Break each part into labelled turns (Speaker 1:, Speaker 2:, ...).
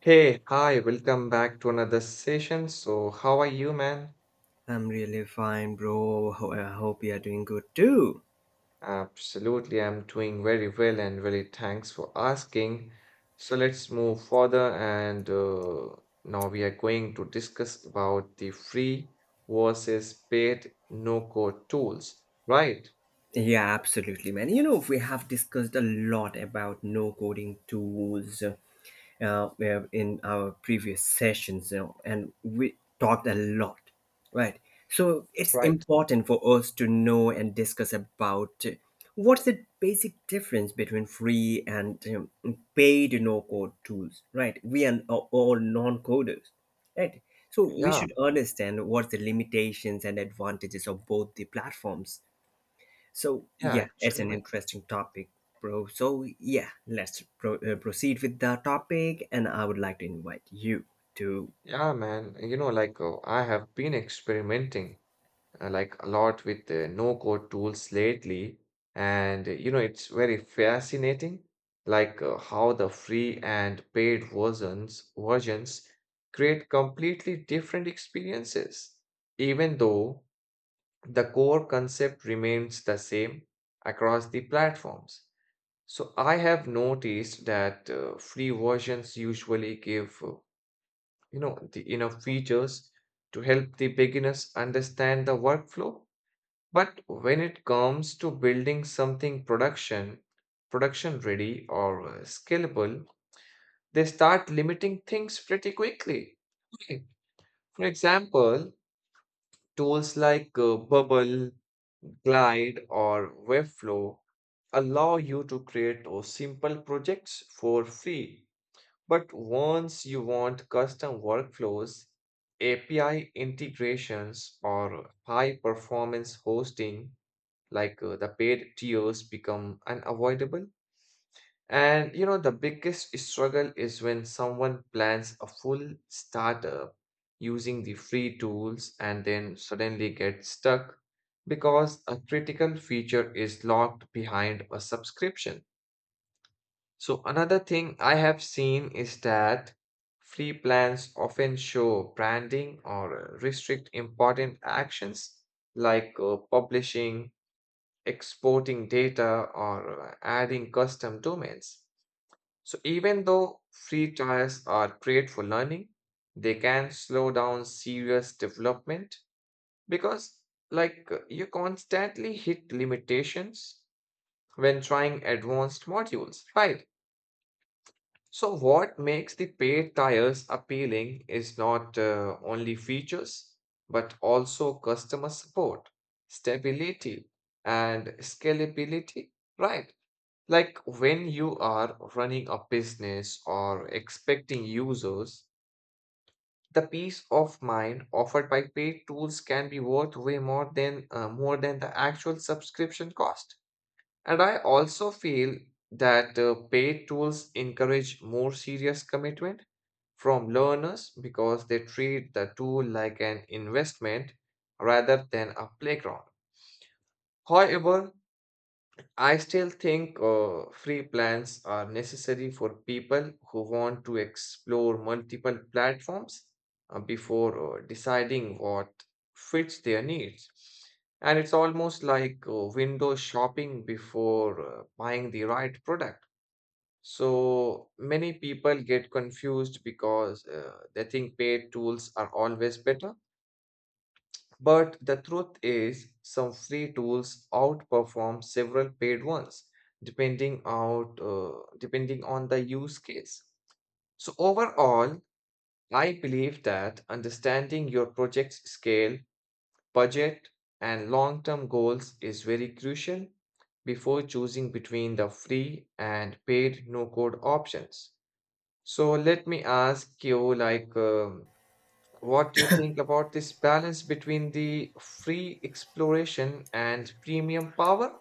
Speaker 1: Hey, hi, welcome back to another session. So, how are you, man?
Speaker 2: I'm really fine, bro. I hope you're doing good too.
Speaker 1: Absolutely, I'm doing very well and really thanks for asking. So, let's move further and now we are going to discuss about the free versus paid no-code tools, right?
Speaker 2: Yeah, absolutely, man. You know, we have discussed a lot about no coding tools in our previous sessions, you know, and we talked a lot, right? So it's
Speaker 1: Right.
Speaker 2: important for us to know and discuss about what's the basic difference between free and paid no code tools, right? We are all non coders, right? So we
Speaker 1: Yeah,
Speaker 2: should understand what's the limitations and advantages of both the platforms so
Speaker 1: yeah,
Speaker 2: yeah, it's
Speaker 1: actually,
Speaker 2: an
Speaker 1: man.
Speaker 2: interesting topic, bro. So yeah, let's proceed with the topic, and I would like to invite you to.
Speaker 1: Yeah, man. You know, like I have been experimenting like a lot with no code tools lately. And you know, it's very fascinating, like how the free and paid versions create completely different experiences, even though the core concept remains the same across the platforms. So I have noticed that free versions usually give the enough features to help the beginners understand the workflow, but when it comes to building something production ready or scalable, they start limiting things pretty quickly. Okay. For example, tools like Bubble, Glide, or Webflow allow you to create simple projects for free. But once you want custom workflows, API integrations, or high performance hosting, like the paid tiers become unavoidable. And you know, the biggest struggle is when someone plans a full startup using the free tools and then suddenly gets stuck because a critical feature is locked behind a subscription. So, another thing I have seen is that free plans often show branding or restrict important actions like publishing, exporting data, or adding custom domains. So, even though free trials are great for learning, they can slow down serious development because, like, you constantly hit limitations when trying advanced modules, right? So, what makes the paid tiers appealing is not only features but also customer support, stability, and scalability, right? Like when you are running a business or expecting users, the peace of mind offered by paid tools can be worth way more than the actual subscription cost. And I also feel that paid tools encourage more serious commitment from learners because they treat the tool like an investment rather than a playground. However, I still think free plans are necessary for people who want to explore multiple platforms before deciding what fits their needs. And it's almost like window shopping before buying the right product. So many people get confused because they think paid tools are always better, but the truth is, some free tools outperform several paid ones, depending on the use case. So overall, I believe that understanding your project's scale, budget, and long-term goals is very crucial before choosing between the free and paid no-code options. So let me ask you, like, what do you think about this balance between the free exploration and premium power?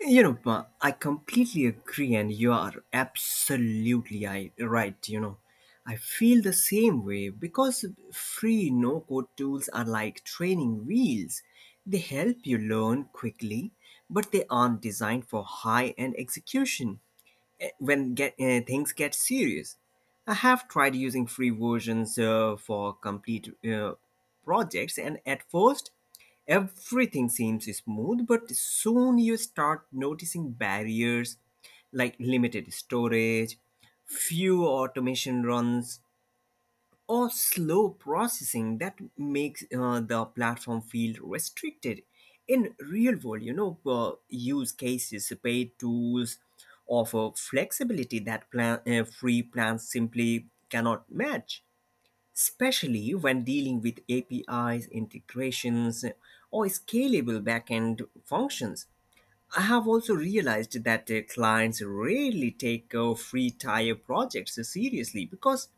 Speaker 2: You know, Ma, I completely agree, and you are absolutely right. You know, I feel the same way because free no code tools are like training wheels. They help you learn quickly, but they aren't designed for high end execution. Things get serious. I have tried using free versions for complete projects, and at first, everything seems smooth, but soon you start noticing barriers like limited storage, few automation runs, or slow processing that makes the platform feel restricted. In real world, you know, use cases, paid tools offer flexibility that free plans simply cannot match, especially when dealing with APIs, integrations, or scalable backend functions. I have also realized that clients rarely take free tier projects seriously because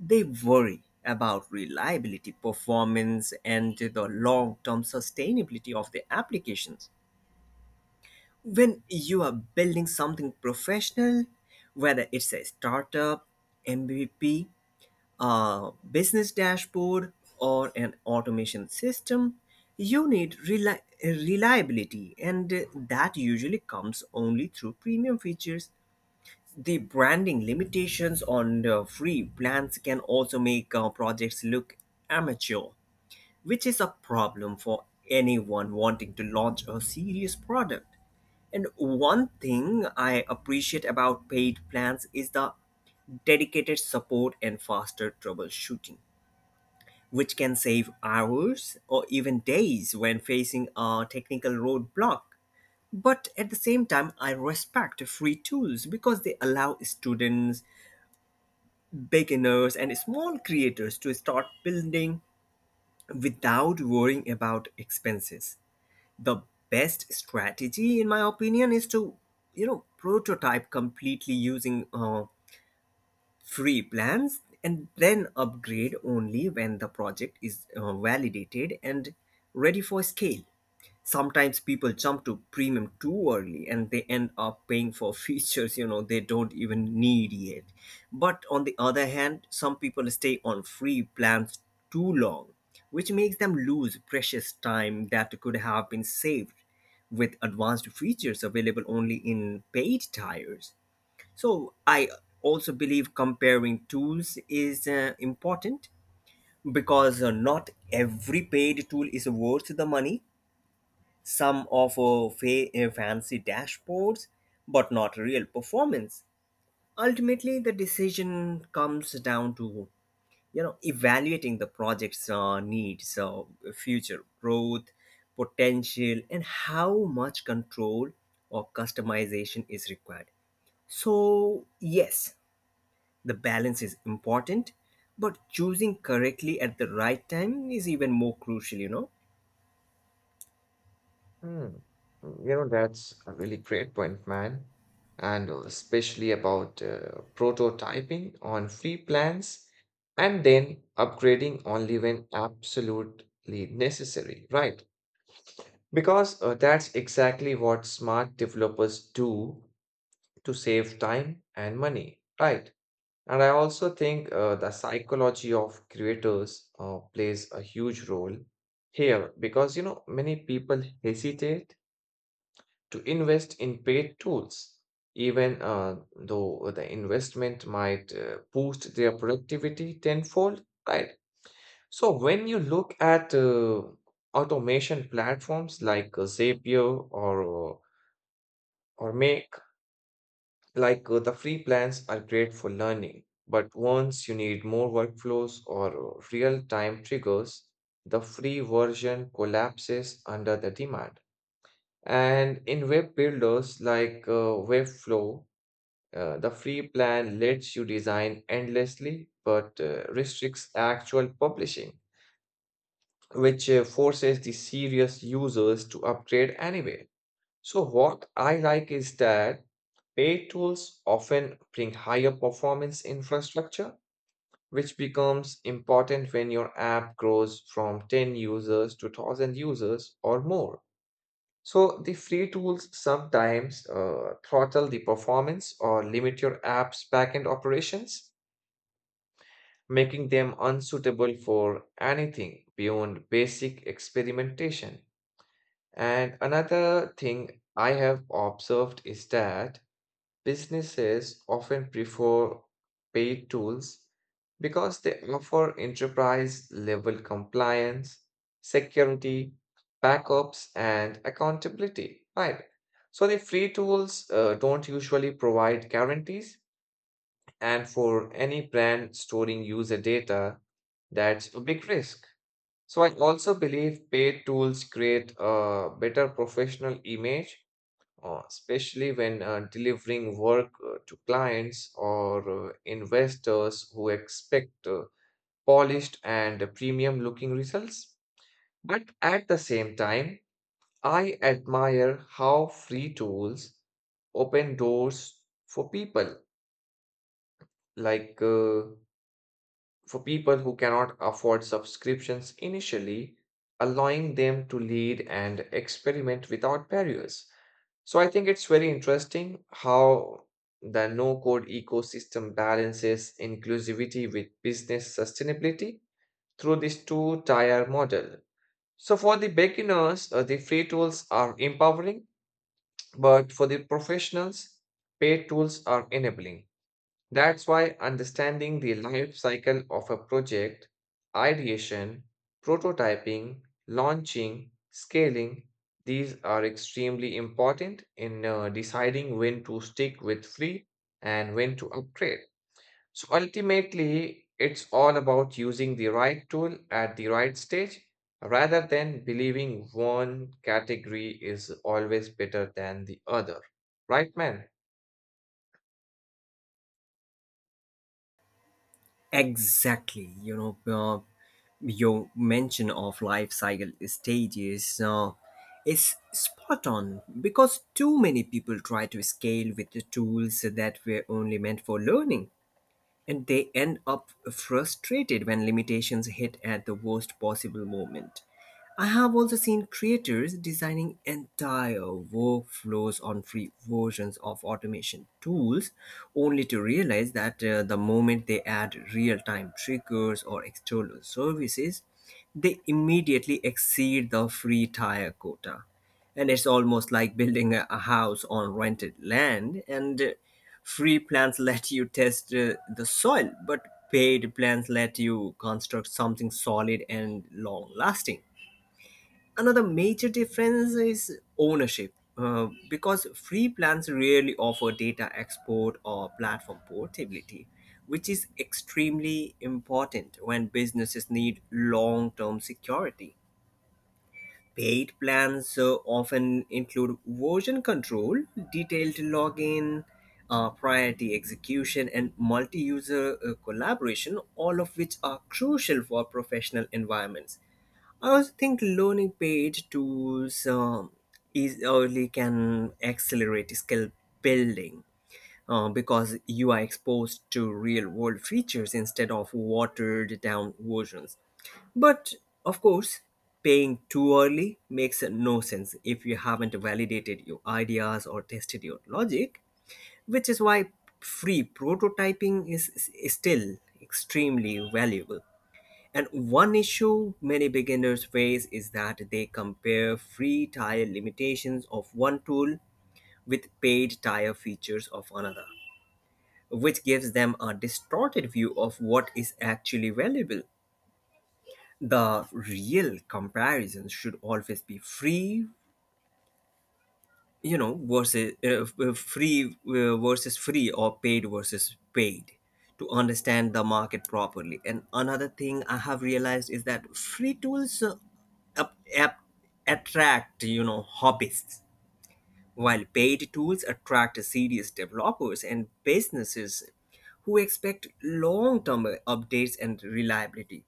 Speaker 2: they worry about reliability, performance, and the long term sustainability of the applications. When you are building something professional, whether it's a startup, MVP, a business dashboard, or an automation system, you need reliability, and that usually comes only through premium features. The branding limitations on the free plans can also make projects look amateur, which is a problem for anyone wanting to launch a serious product. And one thing I appreciate about paid plans is the dedicated support and faster troubleshooting, which can save hours or even days when facing a technical roadblock. But at the same time, I respect free tools because they allow students beginners and small creators to start building without worrying about expenses. The best strategy, in my opinion, is to you know prototype completely using free plans and then upgrade only when the project is validated and ready for scale. Sometimes people jump to premium too early and they end up paying for features you know they don't even need yet, but on the other hand some people stay on free plans too long, which makes them lose precious time that could have been saved with advanced features available only in paid tiers. So I also believe comparing tools is important because not every paid tool is worth the money. Some offer fancy dashboards, but not real performance. Ultimately, the decision comes down to you know evaluating the project's needs, so future growth potential, and how much control or customization is required. So, yes, the balance is important, but choosing correctly at the right time is even more crucial, you know.
Speaker 1: Hmm. You know, that's a really great point, man. And especially about prototyping on free plans and then upgrading only when absolutely necessary, right? Because that's exactly what smart developers do to save time and money, right? And I also think the psychology of creators plays a huge role here because many people hesitate to invest in paid tools, even though the investment might boost their productivity tenfold, right? So when you look at automation platforms like Zapier or Make, like the free plans are great for learning, but once you need more workflows or real-time triggers, the free version collapses under the demand. And in web builders like Webflow, the free plan lets you design endlessly but restricts actual publishing, which forces the serious users to upgrade anyway. So, what I like is that paid tools often bring higher performance infrastructure, which becomes important when your app grows from 10 users to 1000 users or more. So, the free tools sometimes throttle the performance or limit your app's backend operations, making them unsuitable for anything beyond basic experimentation. And another thing I have observed is that businesses often prefer paid tools because they offer enterprise level compliance, security, backups, and accountability, right? So the free tools don't usually provide guarantees, and for any brand storing user data, that's a big risk. So I also believe paid tools create a better professional image, especially when delivering work to clients or investors who expect polished and premium looking results. But at the same time, I admire how free tools open doors for people like uh, who cannot afford subscriptions initially, allowing them to lead and experiment without barriers. So I think it's very interesting how the no code ecosystem balances inclusivity with business sustainability through this two tier model. So for the beginners, the free tools are empowering, but for the professionals, paid tools are enabling. That's why understanding the life cycle of a project, ideation, prototyping, launching, scaling, these are extremely important in deciding when to stick with free and when to upgrade. So ultimately, it's all about using the right tool at the right stage rather than believing one category is always better than the other. Right, man?
Speaker 2: Exactly. You know, your mention of life cycle stages is spot on because too many people try to scale with the tools that were only meant for learning. And they end up frustrated when limitations hit at the worst possible moment. I have also seen creators designing entire workflows on free versions of automation tools, only to realize that the moment they add real time triggers or external services, they immediately exceed the free tire quota. And it's almost like building a house on rented land, and free plans let you test the soil, but paid plans let you construct something solid and long lasting. Another major difference is ownership because free plans rarely offer data export or platform portability, which is extremely important when businesses need long-term security. Paid plans often include version control, detailed login, priority execution, and multi user collaboration, all of which are crucial for professional environments. I also think learning paid tools is early can accelerate skill building because you are exposed to real world features instead of watered down versions. But of course, paying too early makes no sense if you haven't validated your ideas or tested your logic, which is why free prototyping is still extremely valuable. And one issue many beginners face is that they compare free tier limitations of one tool with paid tier features of another, which gives them a distorted view of what is actually valuable. The real comparison should always be free you know versus f- free versus free or paid versus paid, to understand the market properly. And another thing I have realized is that free tools up, up, attract you know hobbyists while paid tools attract serious developers and businesses who expect long-term updates and reliability.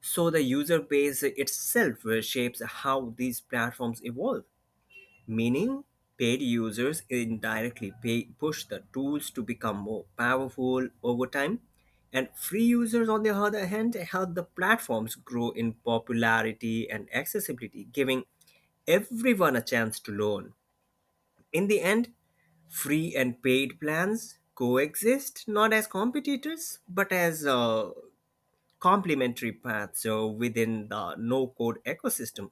Speaker 2: So the user base itself shapes how these platforms evolve, meaning paid users indirectly push the tools to become more powerful over time, and free users, on the other hand, help the platforms grow in popularity and accessibility, giving everyone a chance to learn. In the end, free and paid plans coexist not as competitors but as complementary paths so within the no code ecosystem,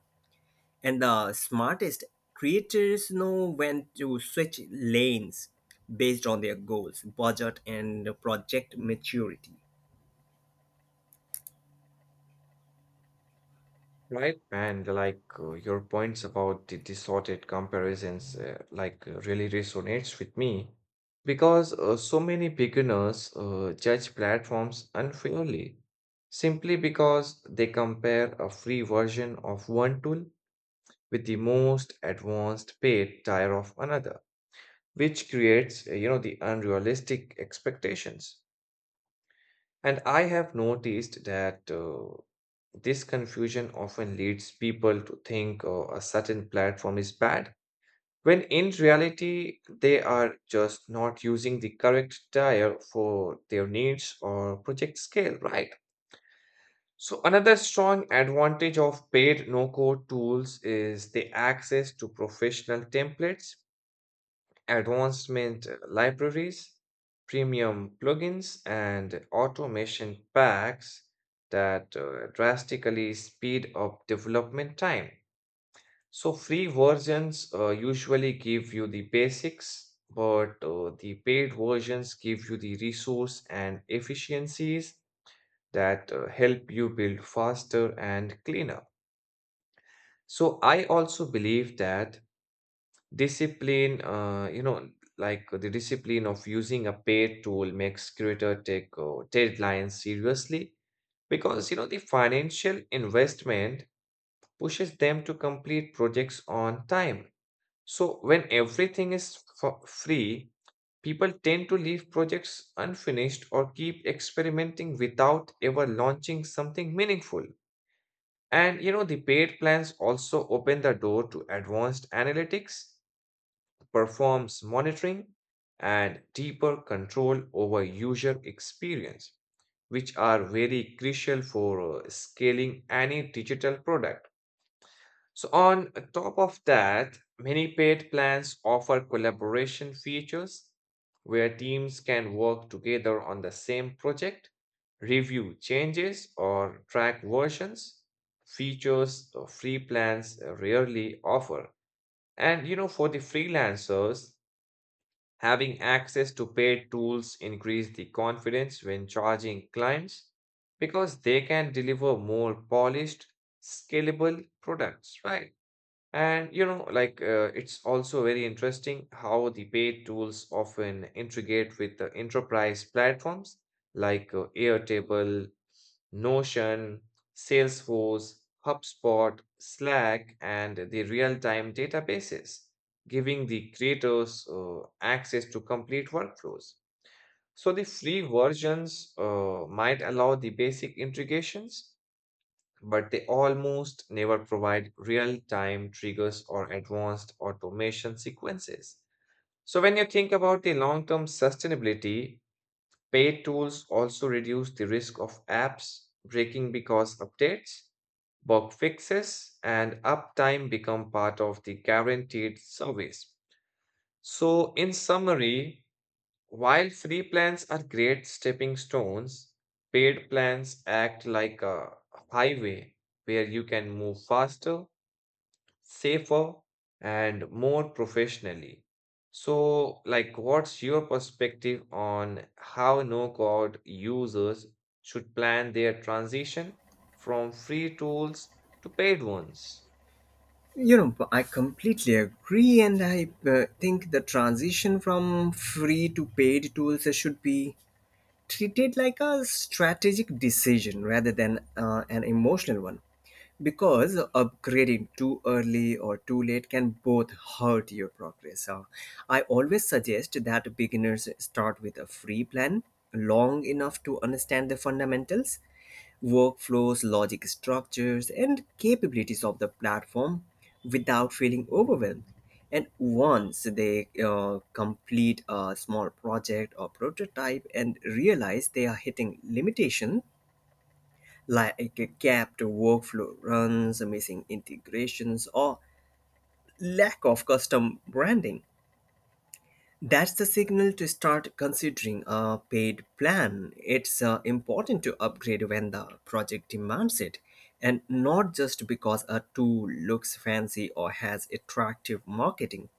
Speaker 2: and the smartest creators know when to switch lanes based on their goals budget and project maturity.
Speaker 1: Right, and like your points about the distorted comparisons, like really resonates with me because so many beginners judge platforms unfairly simply because they compare a free version of one tool with the most advanced paid tier of another, which creates, the unrealistic expectations. And I have noticed that this confusion often leads people to think a certain platform is bad, when in reality, they are just not using the correct tire for their needs or project scale, right? So, another strong advantage of paid no code tools is the access to professional templates, advancement libraries, premium plugins, and automation packs that drastically speed up development time. So, free versions usually give you the basics, but the paid versions give you the resource and efficiencies that help you build faster and cleaner. So, I also believe that Discipline, you know, like the discipline of using a paid tool makes creator take deadlines seriously because the financial investment pushes them to complete projects on time. So when everything is for free, people tend to leave projects unfinished or keep experimenting without ever launching something meaningful. And the paid plans also open the door to advanced analytics, performs monitoring, and deeper control over user experience, which are very crucial for scaling any digital product. So, on top of that, many paid plans offer collaboration features where teams can work together on the same project, review changes, or track versions. Features free plans rarely offer. And for the freelancers, having access to paid tools increase the confidence when charging clients because they can deliver more polished, scalable products, right? And like it's also very interesting how the paid tools often integrate with the enterprise platforms like Airtable, Notion, Salesforce, HubSpot, Slack, and the real time databases, giving the creators access to complete workflows. So, the free versions might allow the basic integrations, but they almost never provide real time triggers or advanced automation sequences. So, when you think about the long term sustainability, paid tools also reduce the risk of apps breaking because updates, bug fixes, and uptime become part of the guaranteed service. So, in summary, while free plans are great stepping stones, paid plans act like a highway where you can move faster, safer and more professionally. So, like, what's your perspective on how no-code users should plan their transition from free tools to paid ones?
Speaker 2: You know I completely agree and I think the transition from free to paid tools should be treated like a strategic decision rather than an emotional one because upgrading too early or too late can both hurt your progress. I always suggest that beginners start with a free plan long enough to understand the fundamentals workflows, logic structures, and capabilities of the platform without feeling overwhelmed. And once they complete a small project or prototype and realize they are hitting limitation like a capped workflow runs, missing integrations, or lack of custom branding, that's the signal to start considering a paid plan. It's important to upgrade when the project demands it, and not just because a tool looks fancy or has attractive marketing.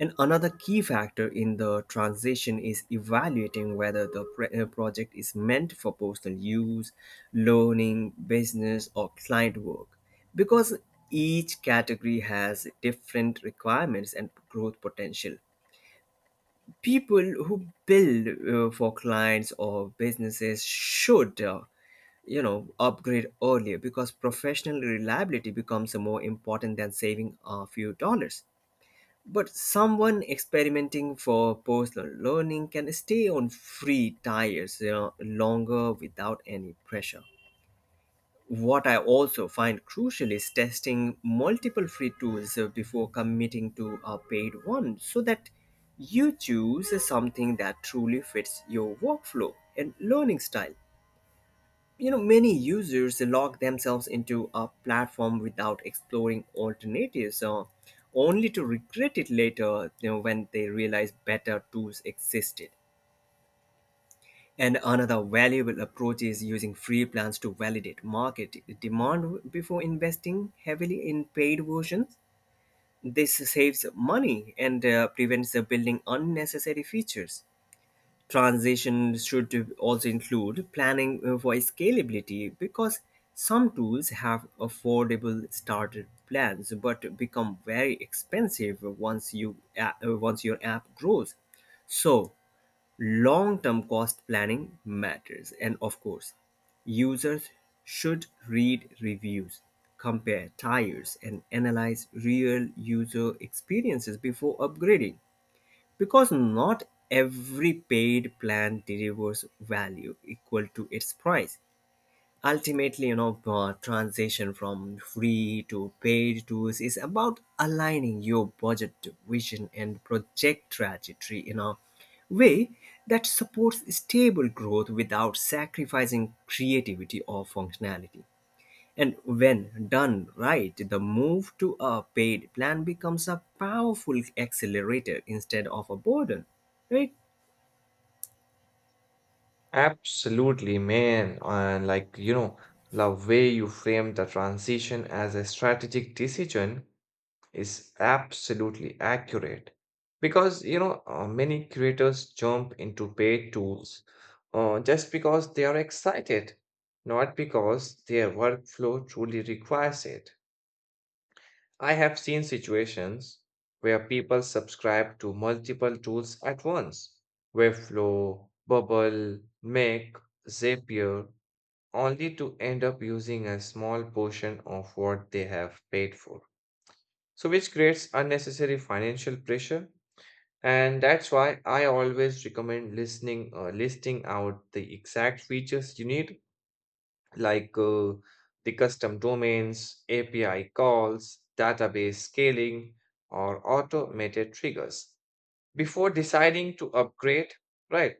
Speaker 2: And another key factor in the transition is evaluating whether the project is meant for personal use, learning, business, or client work. Because each category has different requirements and growth potential. People who build for clients or businesses should you know upgrade earlier because professional reliability becomes more important than saving a few dollars, but someone experimenting for personal learning can stay on free tires you know, longer without any pressure. What I also find crucial is testing multiple free tools before committing to a paid one so that you choose something that truly fits your workflow and learning style. You know, many users lock themselves into a platform without exploring alternatives, only to regret it later you know, when they realize better tools existed. And another valuable approach is using free plans to validate market demand before investing heavily in paid versions. This saves money and prevents building unnecessary features. Transition should also include planning for scalability because some tools have affordable starter plans but become very expensive once you once your app grows. So, long-term cost planning matters and of course, users should read reviews, compare tiers and analyze real user experiences before upgrading because not every paid plan delivers value equal to its price. Ultimately you know transition from free to paid tools is about aligning your budget to vision and project trajectory in a way that supports stable growth without sacrificing creativity or functionality, and when done right the move to a paid plan becomes a powerful accelerator instead of a burden, right?
Speaker 1: Absolutely, man. And like, you know, the way you frame the transition as a strategic decision is absolutely accurate because many creators jump into paid tools, just because they are excited not because their workflow truly requires it. I have seen situations where people subscribe to multiple tools at once, Webflow, Bubble, Make, Zapier, only to end up using a small portion of what they have paid for, so which creates unnecessary financial pressure. And that's why I always recommend listening listing out the exact features you need, like the custom domains, API calls, database scaling, or automated triggers, before deciding to upgrade, right?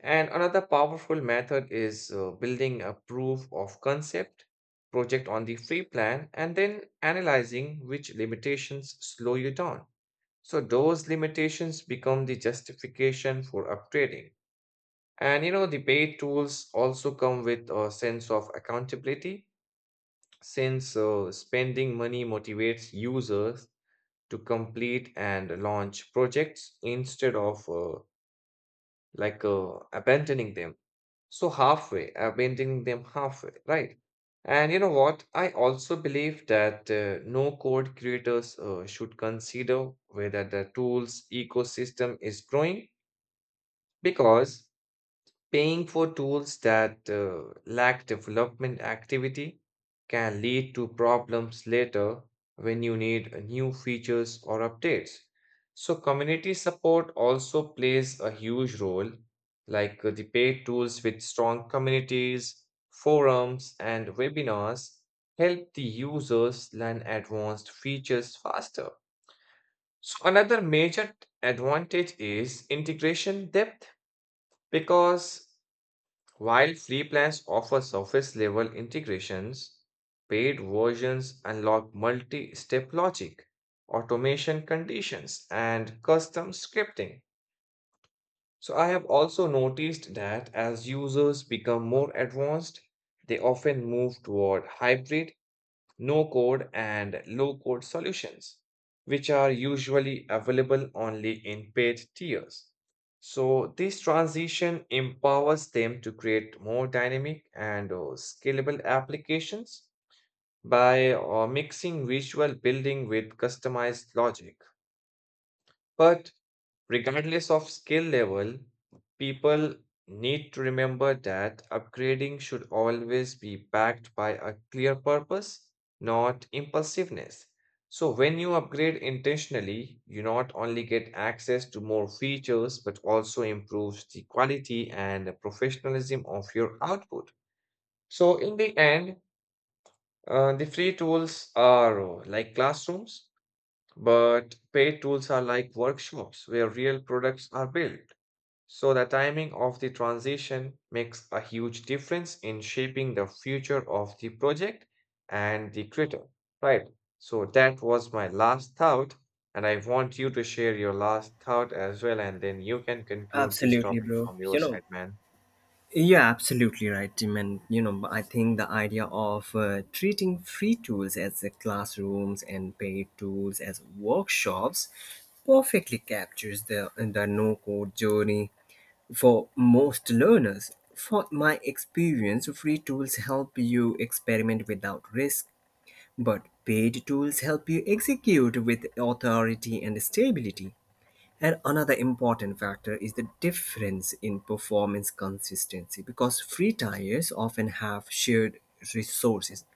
Speaker 1: And another powerful method is building a proof of concept project on the free plan and then analyzing which limitations slow you down, so those limitations become the justification for upgrading. And the paid tools also come with a sense of accountability since spending money motivates users to complete and launch projects instead of like abandoning them. So halfway, abandoning them halfway, right? And you know what? I also believe that no code creators should consider whether the tool's ecosystem is growing, because paying for tools that lack development activity can lead to problems later when you need new features or updates. So, community support also plays a huge role, like the paid tools with strong communities, forums, and webinars help the users learn advanced features faster. So, another major advantage is integration depth, because while free plans offer surface level integrations, paid versions unlock multi step logic, automation conditions, and custom scripting. So, I have also noticed that as users become more advanced, they often move toward hybrid no code and low code solutions, which are usually available only in paid tiers. So, this transition empowers them to create more dynamic and scalable applications by mixing visual building with customized logic. But regardless of skill level, people need to remember that upgrading should always be backed by a clear purpose, not impulsiveness. So, when you upgrade intentionally, you not only get access to more features but also improves the quality and the professionalism of your output. So, in the end, the free tools are like classrooms, but paid tools are like workshops where real products are built. So, the timing of the transition makes a huge difference in shaping the future of the project and the creator, right? So, that was my last thought, and I want you to share your last thought as well, and then you can conclude this
Speaker 2: Absolutely
Speaker 1: topic
Speaker 2: bro,
Speaker 1: from your
Speaker 2: you know.
Speaker 1: side, man.
Speaker 2: Yeah, absolutely right, Tim. And you know, I think the idea of treating free tools as the classrooms and paid tools as workshops perfectly captures the no code journey for most learners. For my experience, free tools help you experiment without risk, but paid tools help you execute with authority and stability. And another important factor is the difference in performance consistency because free tires often have shared resources,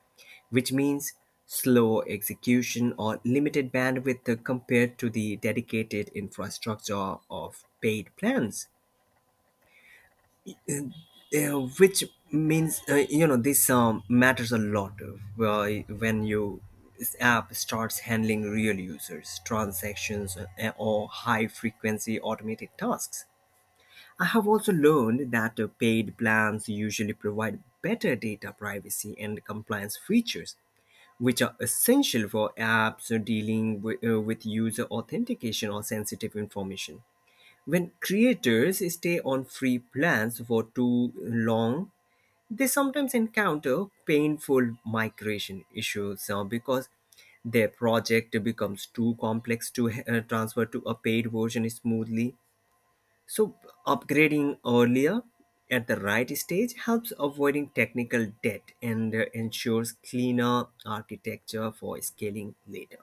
Speaker 2: which means slow execution or limited bandwidth compared to the dedicated infrastructure of paid plans. Which means, you know, this matters a lot when you this app starts handling real users, transactions, or high frequency automated tasks. I have also learned that paid plans usually provide better data privacy and compliance features, which are essential for apps dealing with user authentication or sensitive information. When creators stay on free plans for too long, they sometimes encounter painful migration issues because their project becomes too complex to transfer to a paid version smoothly. So, upgrading earlier at the right stage helps avoiding technical debt and ensures cleaner architecture for scaling later.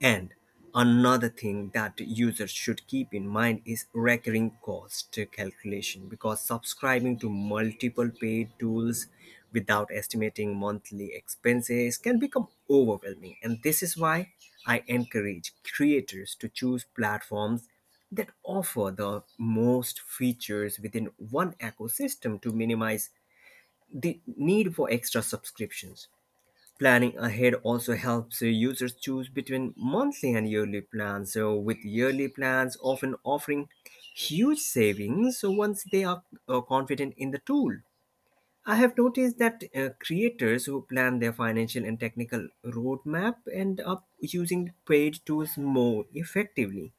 Speaker 2: And another thing that users should keep in mind is recurring cost calculation because subscribing to multiple paid tools without estimating monthly expenses can become overwhelming. And this is why I encourage creators to choose platforms that offer the most features within one ecosystem to minimize the need for extra subscriptions. Planning ahead also helps users choose between monthly and yearly plans. So, with yearly plans often offering huge savings so once they are confident in the tool. I have noticed that creators who plan their financial and technical roadmap end up using paid tools more effectively,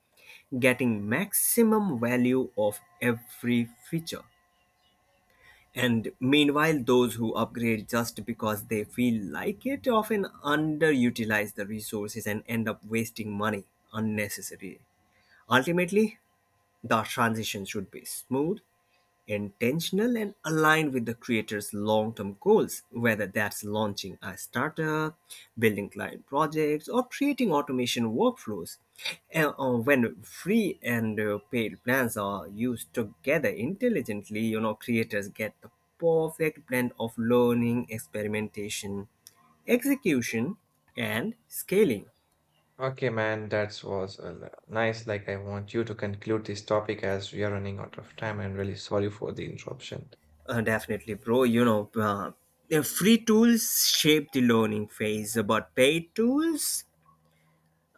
Speaker 2: getting maximum value of every feature. And meanwhile, those who upgrade just because they feel like it often underutilize the resources and end up wasting money unnecessarily. Ultimately, the transition should be smooth, intentional and aligned with the creator's long-term goals whether that's launching a startup building client projects or creating automation workflows. And, when free and paid plans are used together intelligently you know creators get the perfect blend of learning experimentation execution and scaling.
Speaker 1: Okay, man, that was a nice. Like, I want you to conclude this topic as we are running out of time. And really sorry for the interruption.
Speaker 2: Definitely bro, you know, the free tools shape the learning phase but paid tools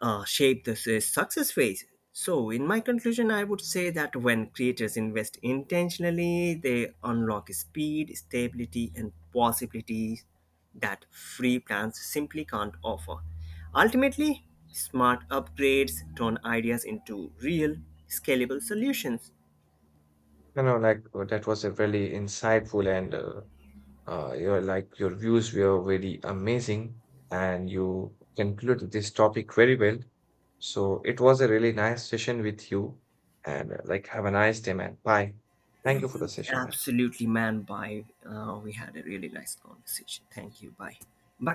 Speaker 2: shape the success phase. So, in my conclusion, I would say that when creators invest intentionally, they unlock speed, stability, and possibilities that free plans simply can't offer. Ultimately, smart upgrades turn ideas into real, scalable solutions.
Speaker 1: You know, like that was a really insightful, and your views were very amazing, and you concluded this topic very well. So it was a really nice session with you, and like have a nice day, man. Bye. Thank you for the session, man.
Speaker 2: Absolutely, man. Bye. We had a really nice conversation. Thank you. Bye. Bye.